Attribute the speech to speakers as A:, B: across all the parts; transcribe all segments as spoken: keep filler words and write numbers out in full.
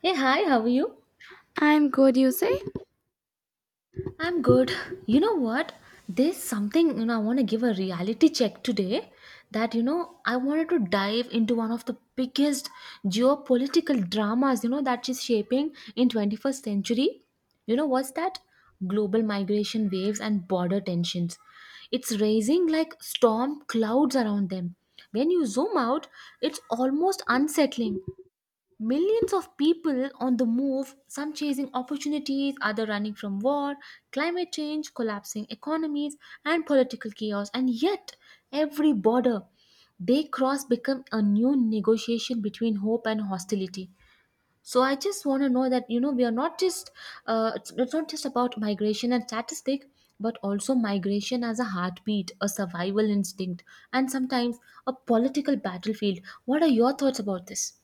A: Hey, hi, how are you?
B: I'm good, you say?
A: I'm good. You know what? There's something, you know, I want to give a reality check today that, you know, I wanted to dive into one of the biggest geopolitical dramas, you know, that is shaping in twenty-first century. You know, what's that? Global migration waves and border tensions. It's raising like storm clouds around them. When you zoom out, it's almost unsettling. Millions of people on the move, some chasing opportunities, other running from war, climate change, collapsing economies, and political chaos. And yet, every border they cross become a new negotiation between hope and hostility. So I just want to know that you know we are not just uh, it's, it's not just about migration and statistic, but also migration as a heartbeat, a survival instinct, and sometimes a political battlefield. What are your thoughts about this?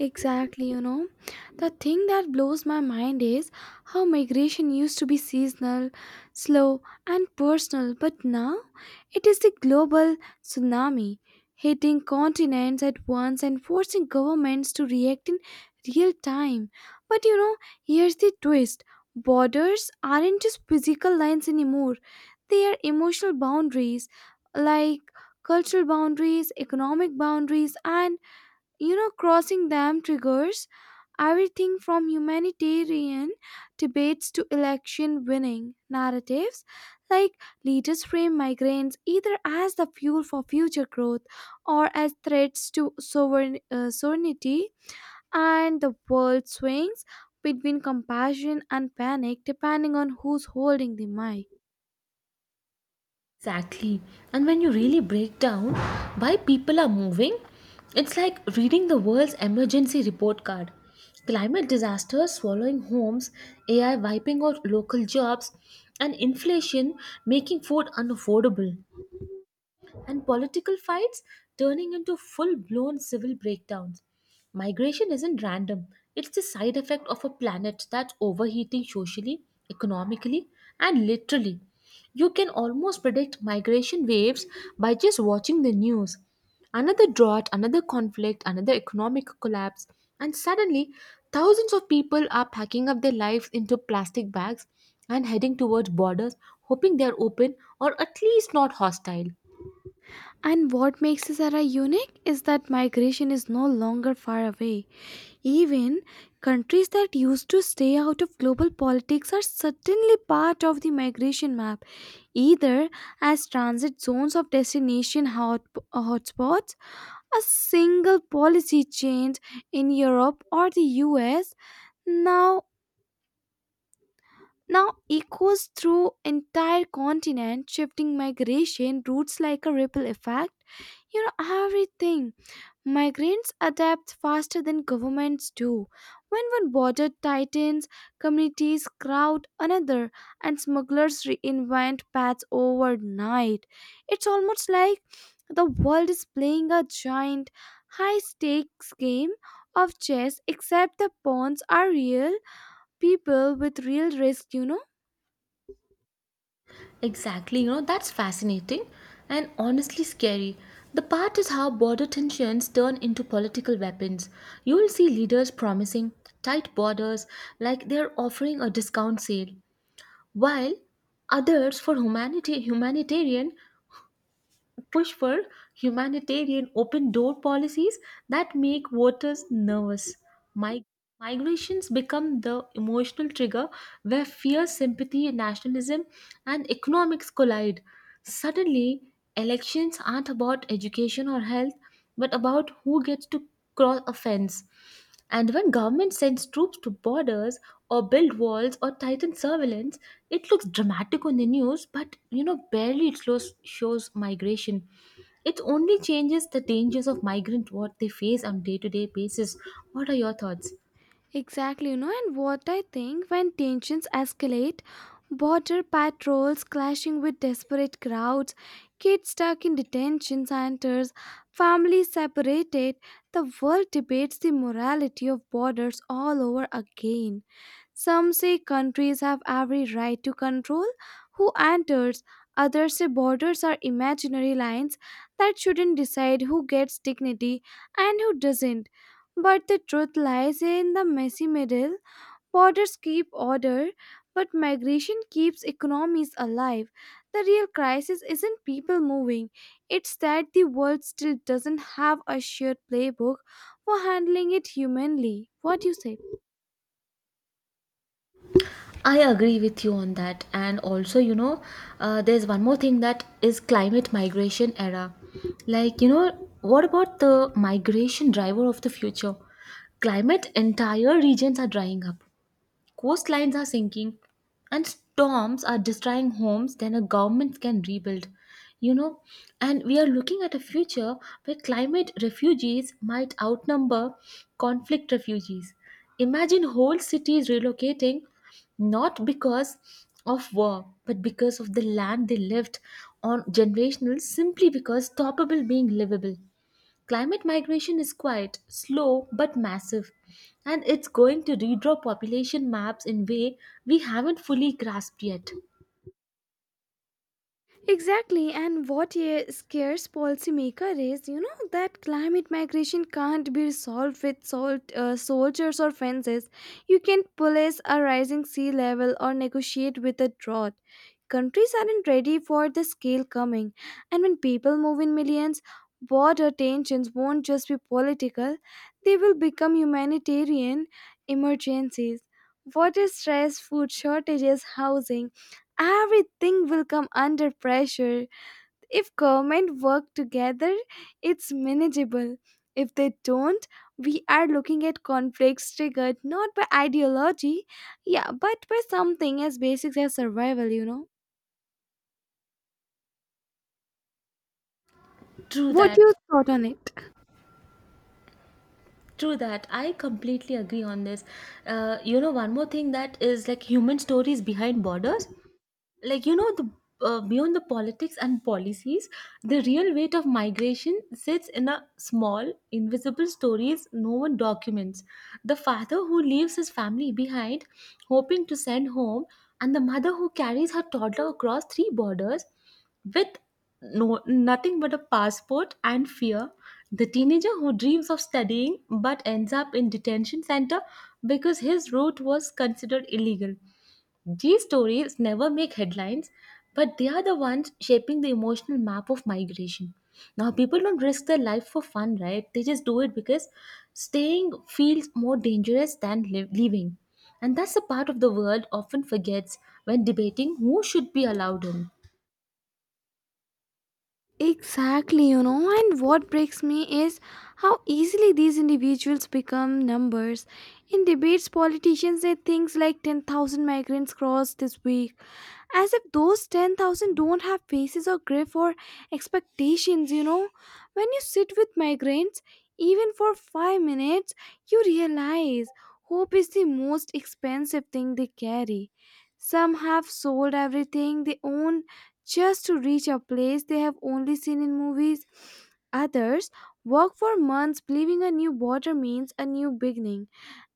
B: Exactly, you know. The thing that blows my mind is how migration used to be seasonal, slow, and personal, but now it is the global tsunami hitting continents at once and forcing governments to react in real time. But you know, here's the twist borders aren't just physical lines anymore, they are emotional boundaries like cultural boundaries, economic boundaries, and you know, crossing them triggers everything from humanitarian debates to election winning narratives. Like, leaders frame migrants either as the fuel for future growth or as threats to sovereign, uh, sovereignty, and the world swings between compassion and panic depending on who's holding the mic.
A: Exactly. And when you really break down why people are moving, it's like reading the world's emergency report card. Climate disasters swallowing homes, A I wiping out local jobs, and inflation making food unaffordable and political fights turning into full blown civil breakdowns. Migration isn't random, it's the side effect of a planet that's overheating socially, economically, and literally. You can almost predict migration waves by just watching the news. Another drought, another conflict, another economic collapse, and suddenly thousands of people are packing up their lives into plastic bags and heading towards borders, hoping they are open or at least not hostile.
B: And what makes this era unique is that migration is no longer far away. Even countries that used to stay out of global politics are suddenly part of the migration map, either as transit zones of destination hot, hotspots, a single policy change in Europe or the U S now now echoes through entire continent shifting migration routes like a ripple effect, you know, everything. Migrants adapt faster than governments do. When one border tightens, communities crowd another, and smugglers reinvent paths overnight. It's almost like the world is playing a giant, high stakes game of chess, except the pawns are real people with real risk, you know?
A: Exactly, you know, that's fascinating and honestly scary. The part is how border tensions turn into political weapons. You will see leaders promising tight borders like they're offering a discount sale, while others for humanity humanitarian push for humanitarian open door policies that make voters nervous. Mi- Migrations become the emotional trigger where fear, sympathy, nationalism, and economics collide. Suddenly, elections aren't about education or health, but about who gets to cross a fence. And when government sends troops to borders or build walls or tighten surveillance, it looks dramatic on the news, but you know barely it shows, shows migration. It only changes the dangers of migrant what they face on day-to-day basis. What are your thoughts?
B: Exactly, you know, and what I think when tensions escalate, border patrols clashing with desperate crowds, kids stuck in detention centers, families separated, the world debates the morality of borders all over again. Some say countries have every right to control who enters, others say borders are imaginary lines that shouldn't decide who gets dignity and who doesn't. But the truth lies in the messy middle. Borders keep order, but migration keeps economies alive. The real crisis isn't people moving, it's that the world still doesn't have a shared playbook for handling it humanly. What do you say?
A: I agree with you on that, and also you know uh, there's one more thing that is climate migration era. Like you know what about the migration driver of the future? Climate entire regions are drying up. Coastlines are sinking and storms are destroying homes than a government can rebuild. You know, and we are looking at a future where climate refugees might outnumber conflict refugees. Imagine whole cities relocating not because of war but because of the land they lived on generational simply because stoppable being livable. Climate migration is quite slow but massive, and it's going to redraw population maps in way we haven't fully grasped yet.
B: Exactly, and what a scares policymaker is, you know, that climate migration can't be resolved with sol- uh, soldiers or fences. You can police a rising sea level or negotiate with a drought. Countries aren't ready for the scale coming, and when people move in millions, border tensions won't just be political; they will become humanitarian emergencies. Water stress, food shortages, housing everything will come under pressure. If government work together, it's manageable. If they don't, we are looking at conflicts triggered not by ideology, yeah, but by something as basic as survival, you know.
A: True
B: What
A: that.
B: you thought on it?
A: True that. I completely agree on this. Uh, you know, one more thing that is like human stories behind borders. Like you know the uh, beyond the politics and policies the real weight of migration sits in a small invisible stories no one documents the father who leaves his family behind hoping to send home and the mother who carries her toddler across three borders with no nothing but a passport and fear the teenager who dreams of studying but ends up in detention center because his route was considered illegal. These stories never make headlines, but they are the ones shaping the emotional map of migration. Now, people don't risk their life for fun, right? They just do it because staying feels more dangerous than li- leaving. And that's a part of the world often forgets when debating who should be allowed in.
B: Exactly, you know, and what breaks me is how easily these individuals become numbers. In debates, politicians say things like ten thousand migrants crossed this week, as if those ten thousand don't have faces or grief or expectations, you know. When you sit with migrants, even for five minutes, you realize hope is the most expensive thing they carry. Some have sold everything they own just to reach a place they have only seen in movies. Others walk for months believing a new border means a new beginning,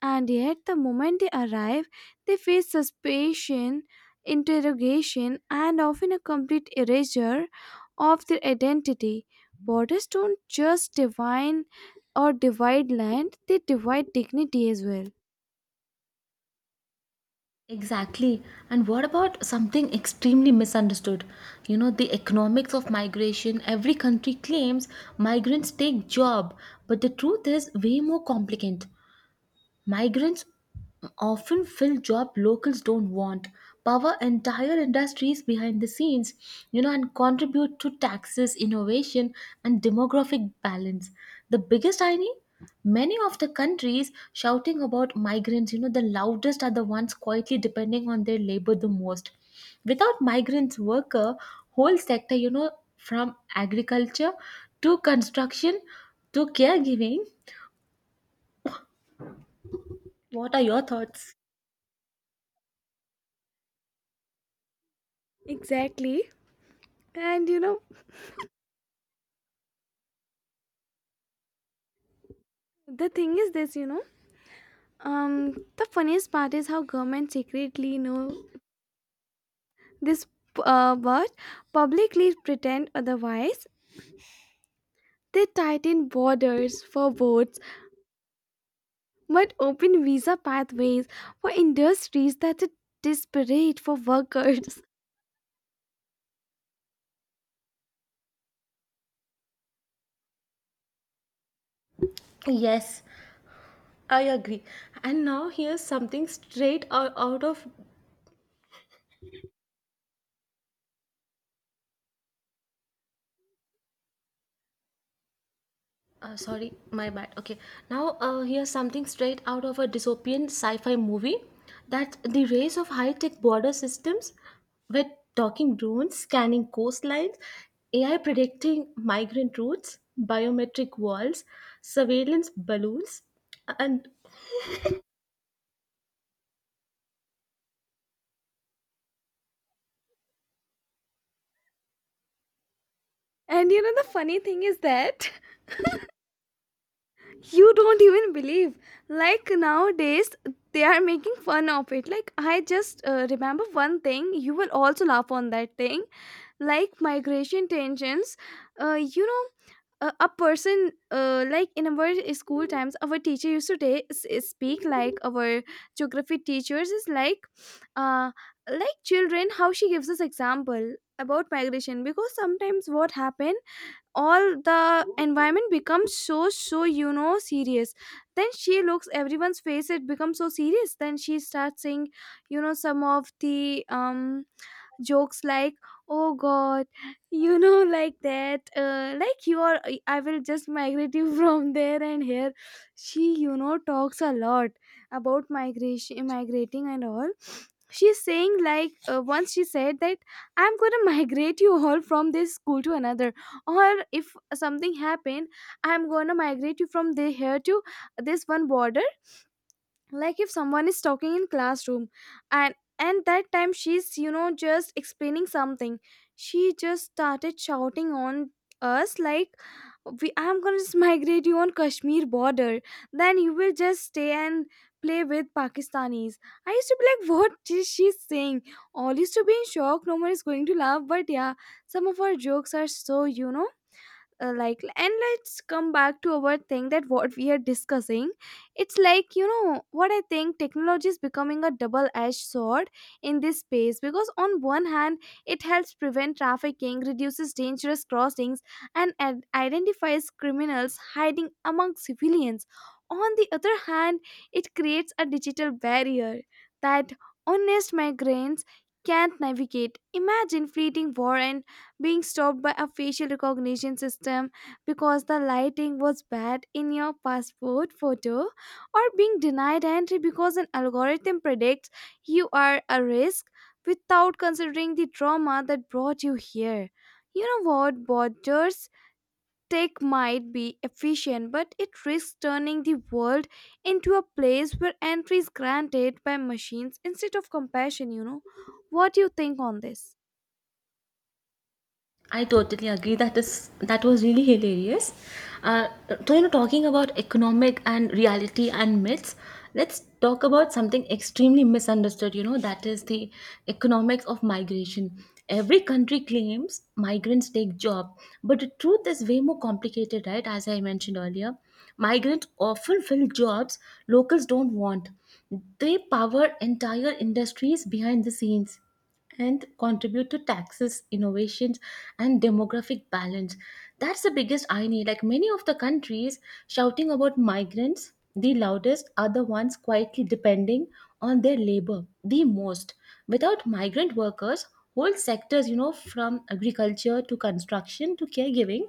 B: and yet the moment they arrive, they face suspicion, interrogation, and often a complete erasure of their identity. Borders don't just divine or divide land, they divide dignity as well.
A: Exactly. And what about something extremely misunderstood? You know, the economics of migration. Every country claims migrants take job, but the truth is way more complicated. Migrants often fill job locals don't want, power entire industries behind the scenes, you know, and contribute to taxes, innovation, and demographic balance. The biggest irony, many of the countries shouting about migrants, you know, the loudest are the ones quietly depending on their labor the most. Without migrants, worker whole sector, you know, from agriculture to construction to caregiving. What are your thoughts?
B: Exactly. And you know, the thing is this, you know, Um, the funniest part is how government secretly know this uh, but publicly pretend otherwise. They tighten borders for boats but open visa pathways for industries that are desperate for workers.
A: Yes. I agree. And now here's something straight ou- out of. Uh, sorry, my bad. Okay. Now uh, here's something straight out of a dystopian sci fi movie that the race of high tech border systems with talking drones, scanning coastlines, A I predicting migrant routes, biometric walls, surveillance balloons, and
B: And you know the funny thing is that you don't even believe. Like nowadays, they are making fun of it. Like I just uh, remember one thing. You will also laugh on that thing like migration tensions, uh, you know, a, a person, uh, like in our school times our teacher used to ta- s- speak, like our geography teachers is like, uh, like children how she gives us example about migration, because sometimes what happen all the environment becomes so so you know serious, then she looks everyone's face it becomes so serious, then she starts saying you know some of the um jokes like oh god you know like that, uh, like you are I will just migrate you from there and here, she you know talks a lot about migration migrating and all. She's saying like, uh, once she said that I'm going to migrate you all from this school to another, or if something happened I'm going to migrate you from there here to this one border. Like if someone is talking in classroom, and and that time she's you know just explaining something, she just started shouting on us like, we I'm gonna just migrate you on Kashmir border, then you will just stay and play with Pakistanis. I used to be like what is she saying, all used to be in shock, no one is going to laugh, but yeah, some of our jokes are so you know, uh, like, and let's come back to our thing that what we are discussing. It's like you know what I think technology is becoming a double edged sword in this space, because on one hand it helps prevent trafficking, reduces dangerous crossings, and ad- identifies criminals hiding among civilians. On the other hand it creates a digital barrier that honest migrants can't navigate. Imagine fleeing war and being stopped by a facial recognition system because the lighting was bad in your passport photo, or being denied entry because an algorithm predicts you are a risk without considering the trauma that brought you here. You know what? Borders tech might be efficient, but it risks turning the world into a place where entry is granted by machines instead of compassion, you know. What do you think on this?
A: I totally agree. That is that was really hilarious. Uh, so you know, talking about economic and reality and myths, let's talk about something extremely misunderstood. You know, that is the economics of migration. Every country claims migrants take job, but the truth is way more complicated, right? As I mentioned earlier, migrants often fill jobs locals don't want. They power entire industries behind the scenes and contribute to taxes, innovations, and demographic balance. That's the biggest irony. Like many of the countries shouting about migrants, the loudest are the ones quietly depending on their labor the most. Without migrant workers, whole sectors, you know, from agriculture to construction to caregiving,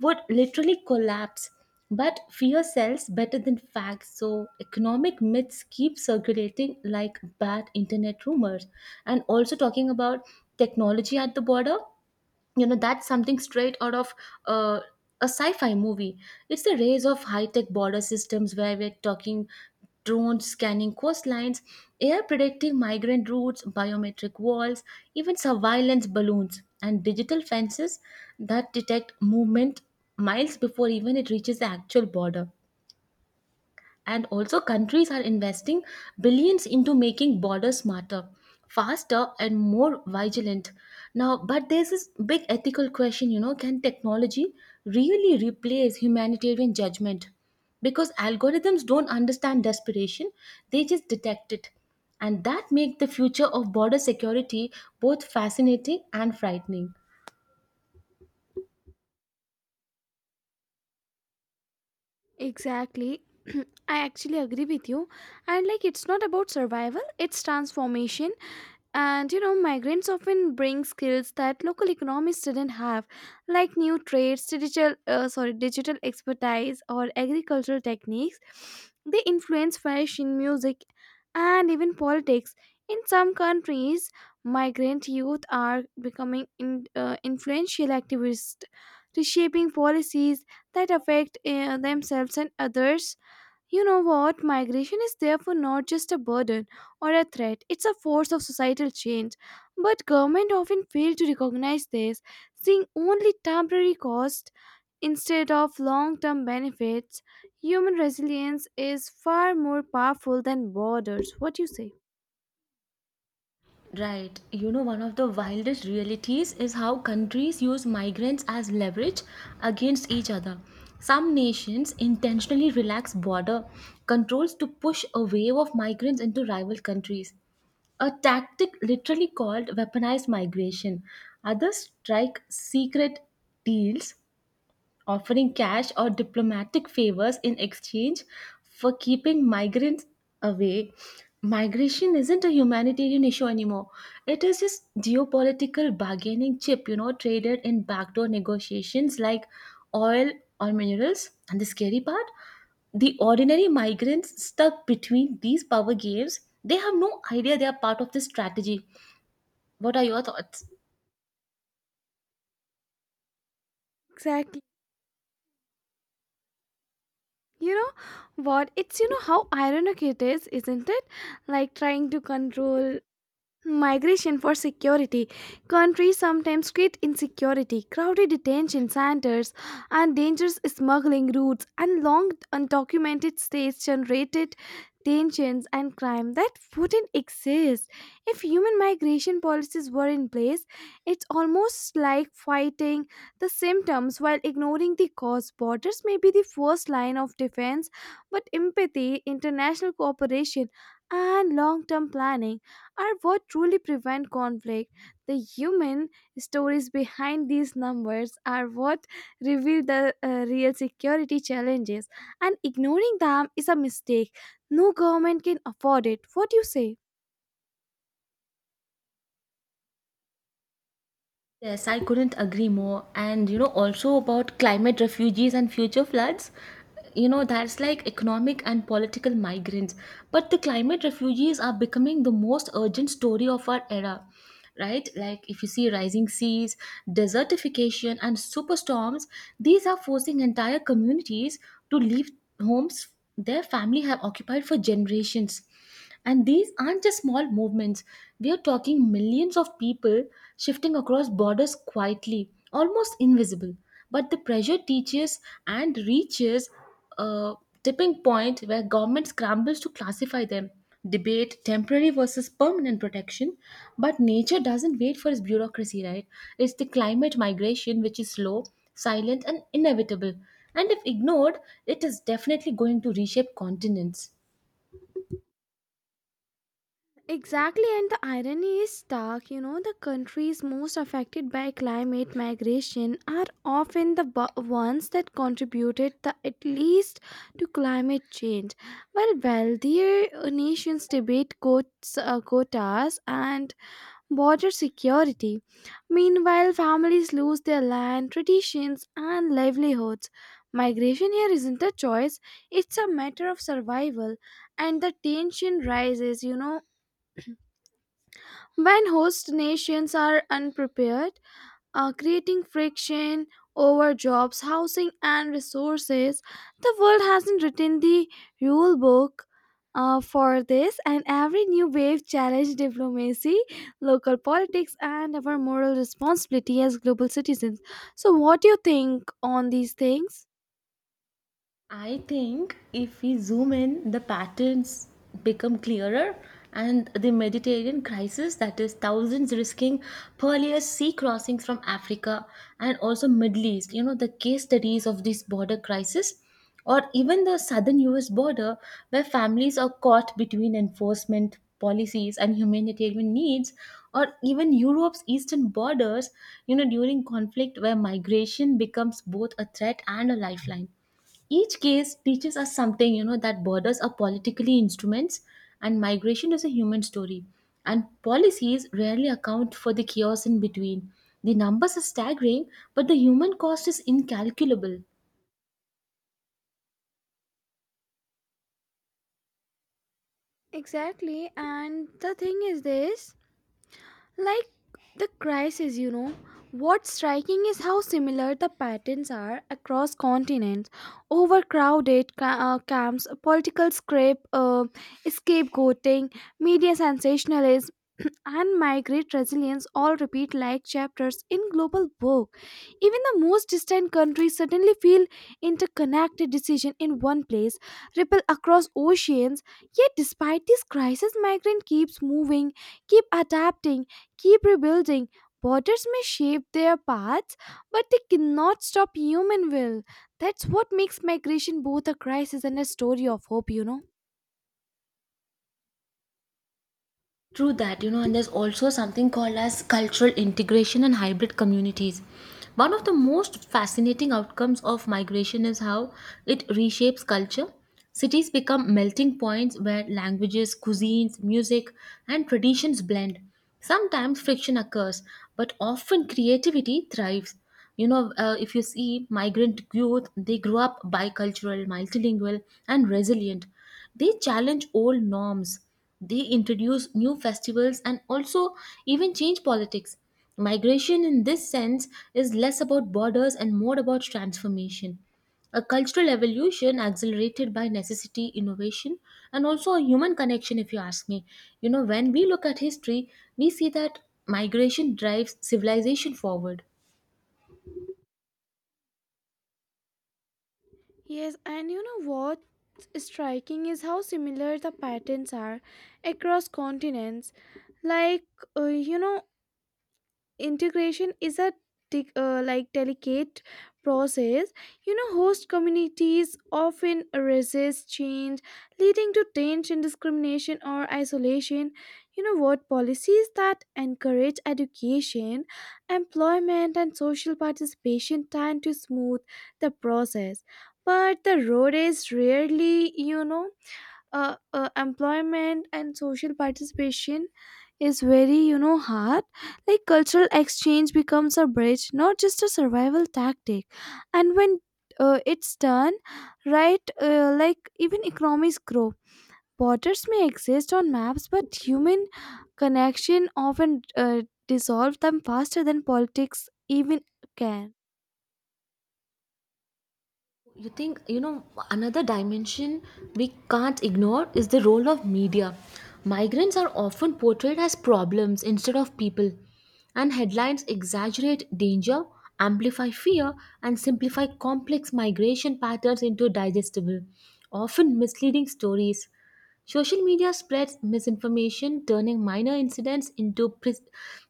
A: would literally collapse. But fear sells better than facts, so economic myths keep circulating like bad internet rumors. And also talking about technology at the border, you know that's something straight out of uh, a sci-fi movie. It's the rise of high-tech border systems where we're talking drones scanning coastlines, air predicting migrant routes, biometric walls, even surveillance balloons and digital fences that detect movement miles before even it reaches the actual border. And also, countries are investing billions into making borders smarter, faster, and more vigilant. Now, but there's this big ethical question, you know, can technology really replace humanitarian judgment? Because algorithms don't understand desperation, they just detect it. And that makes the future of border security both fascinating and frightening.
B: Exactly. I actually agree with you. And like it's not about survival, it's transformation. And you know, migrants often bring skills that local economies didn't have, like new trades, digital uh, sorry, digital expertise or agricultural techniques. They influence fashion, music, and even politics. In some countries, migrant youth are becoming in, uh, influential activists, reshaping policies that affect uh, themselves and others. You know what? Migration is therefore not just a burden or a threat, it's a force of societal change. But government often fail to recognize this, seeing only temporary cost instead of long-term benefits. Human resilience is far more powerful than borders. What do you say?
A: Right. You know, one of the wildest realities is how countries use migrants as leverage against each other. Some nations intentionally relax border controls to push a wave of migrants into rival countries, a tactic literally called weaponized migration. Others strike secret deals offering cash or diplomatic favors in exchange for keeping migrants away. Migration isn't a humanitarian issue anymore. It is just geopolitical bargaining chip, you know, traded in backdoor negotiations like oil or minerals. And the scary part, the ordinary migrants stuck between these power games, they have no idea they are part of this strategy. What are your thoughts?
B: Exactly. You know what? It's you know how ironic it is, isn't it? Like trying to control migration for security. Countries sometimes create insecurity, crowded detention centers, and dangerous smuggling routes, and long undocumented stays generated tensions and crime that wouldn't exist if human migration policies were in place. It's almost like fighting the symptoms while ignoring the cause. Borders may be the first line of defense, but empathy, international cooperation, and long term planning are what truly prevent conflict. The human stories behind these numbers are what reveal the uh, real security challenges, and ignoring them is a mistake. No government can afford it. What do you say?
A: Yes, I couldn't agree more. And you know, also about climate refugees and future floods, you know, that's like economic and political migrants. But the climate refugees are becoming the most urgent story of our era, right? Like if you see rising seas, desertification, and superstorms, these are forcing entire communities to leave homes their family have occupied for generations and these aren't just small movements. We are talking millions of people shifting across borders quietly, almost invisible. But the pressure teaches and reaches a tipping point where government scrambles to classify them. Debate temporary versus permanent protection, but nature doesn't wait for its bureaucracy, right? It's the climate migration which is slow, silent, and inevitable. And if ignored, it is definitely going to reshape continents.
B: Exactly, and the irony is stark. You know, the countries most affected by climate migration are often the bu- ones that contributed the at least to climate change, while wealthier uh, nations debate quotes, uh, quotas and border security. Meanwhile, families lose their land, traditions, and livelihoods. Migration here isn't a choice; it's a matter of survival, and the tension rises. You know when host nations are unprepared, uh, creating friction over jobs, housing, and resources, the world hasn't written the rule book, uh, for this, and every new wave challenges diplomacy, local politics, and our moral responsibility as global citizens. So, what do you think on these things?
A: I think if we zoom in, the patterns become clearer, and the Mediterranean crisis that is, thousands risking perilous sea crossings from Africa and also Middle East, you know, the case studies of this border crisis, or even the southern U S border, where families are caught between enforcement policies and humanitarian needs, or even Europe's eastern borders, you know, during conflict where migration becomes both a threat and a lifeline. Each case teaches us something, you know, that borders are politically instruments and migration is a human story. And policies rarely account for the chaos in between. The numbers are staggering, but the human cost is incalculable.
B: Exactly, and the thing is this. Like the crisis, you know, what's striking is how similar the patterns are across continents. Overcrowded ca- uh, camps, political scrape, uh, scapegoating, media sensationalism, and migrate resilience all repeat like chapters in global book. Even the most distant countries suddenly feel interconnected, decision in one place, ripple across oceans. Yet despite this crisis, migrant keeps moving, keep adapting, keep rebuilding. Borders may shape their paths, but they cannot stop human will. That's what makes migration both a crisis and a story of hope, you know.
A: True that, you know, and there's also something called as cultural integration and hybrid communities. One of the most fascinating outcomes of migration is how it reshapes culture. Cities become melting points where languages, cuisines, music, and traditions blend. Sometimes friction occurs, but often creativity thrives. You know, uh, if you see migrant youth, they grow up bicultural, multilingual, and resilient. They challenge old norms, they introduce new festivals, and also even change politics. Migration, in this sense, is less about borders and more about transformation. A cultural evolution accelerated by necessity, innovation, and also a human connection, if you ask me. You know, when we look at history, we see that migration drives civilization forward.
B: Yes, and you know what's striking is how similar the patterns are across continents. Like, uh, you know, integration is a tic- uh, like delicate process. You know host communities often resist change, leading to tension, discrimination, or isolation. You know what, policies that encourage education, employment, and social participation tend to smooth the process, but the road is rarely you know, uh, uh, employment and social participation is very you know hard. Like cultural exchange becomes a bridge, not just a survival tactic, and when uh, it's done right, uh, like even economies grow. Borders may exist on maps, but human connection often uh, dissolve them faster than politics even can.
A: You think, you know, another dimension we can't ignore is the role of media. Migrants are often portrayed as problems instead of people, and headlines exaggerate danger, amplify fear, and simplify complex migration patterns into digestible, often misleading stories. Social media spreads misinformation, turning minor incidents into pre-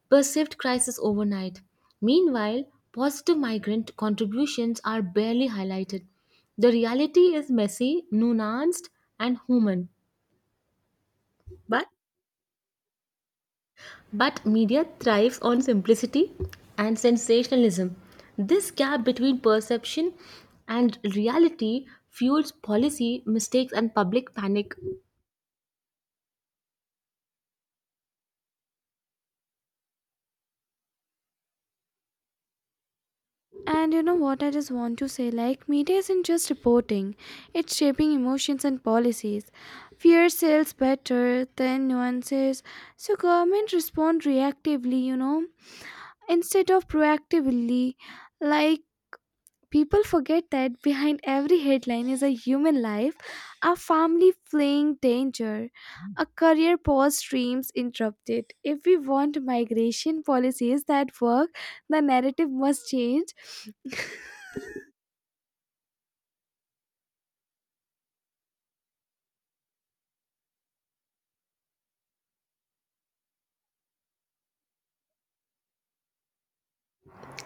A: perceived crises overnight. Meanwhile, positive migrant contributions are barely highlighted. The reality is messy, nuanced, and human. But, but media thrives on simplicity and sensationalism. This gap between perception and reality fuels policy mistakes and public panic.
B: And you know what I just want to say, like, media isn't just reporting, it's shaping emotions and policies. Fear sells better than nuances, so government respond reactively, you know, instead of proactively. Like, people forget that behind every headline is a human life, a family fleeing danger, a career pause, dreams interrupted. If we want migration policies that work, the narrative must change.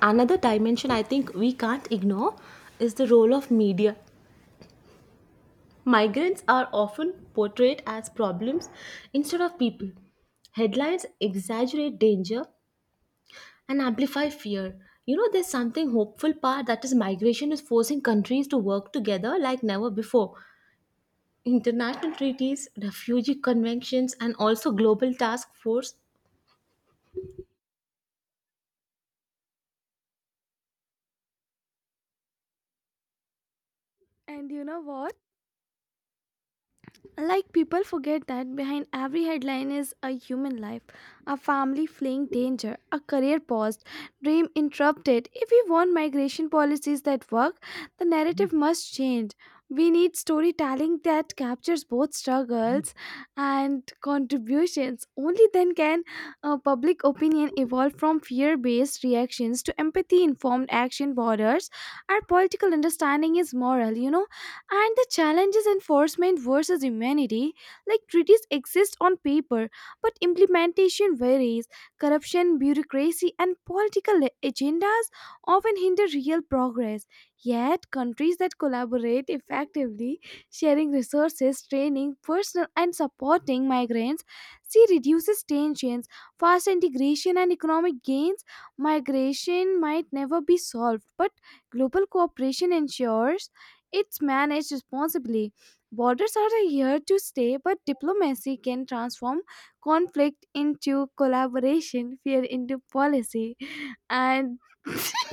A: Another dimension I think we can't ignore is the role of media. Migrants are often portrayed as problems instead of people. Headlines exaggerate danger and amplify fear. You know, there's something hopeful part that is migration is forcing countries to work together like never before. International treaties, refugee conventions, and also global task force.
B: And you know what? Like people forget that behind every headline is a human life, a family fleeing danger, a career paused, dream interrupted. If we want migration policies that work, the narrative must change. We need storytelling that captures both struggles and contributions. Only then can uh, public opinion evolve from fear based reactions to empathy informed action borders. Our political understanding is moral, you know. And the challenges enforcement versus humanity, like treaties exist on paper, but implementation varies. Corruption, bureaucracy, and political agendas often hinder real progress. Yet, countries that collaborate effectively, sharing resources, training, personal, and supporting migrants, see reduces tensions, fast integration, and economic gains. Migration might never be solved, but global cooperation ensures it's managed responsibly. Borders are here to stay, but diplomacy can transform conflict into collaboration, fear into policy, and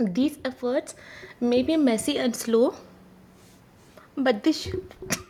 A: These efforts may be messy and slow, but they sh-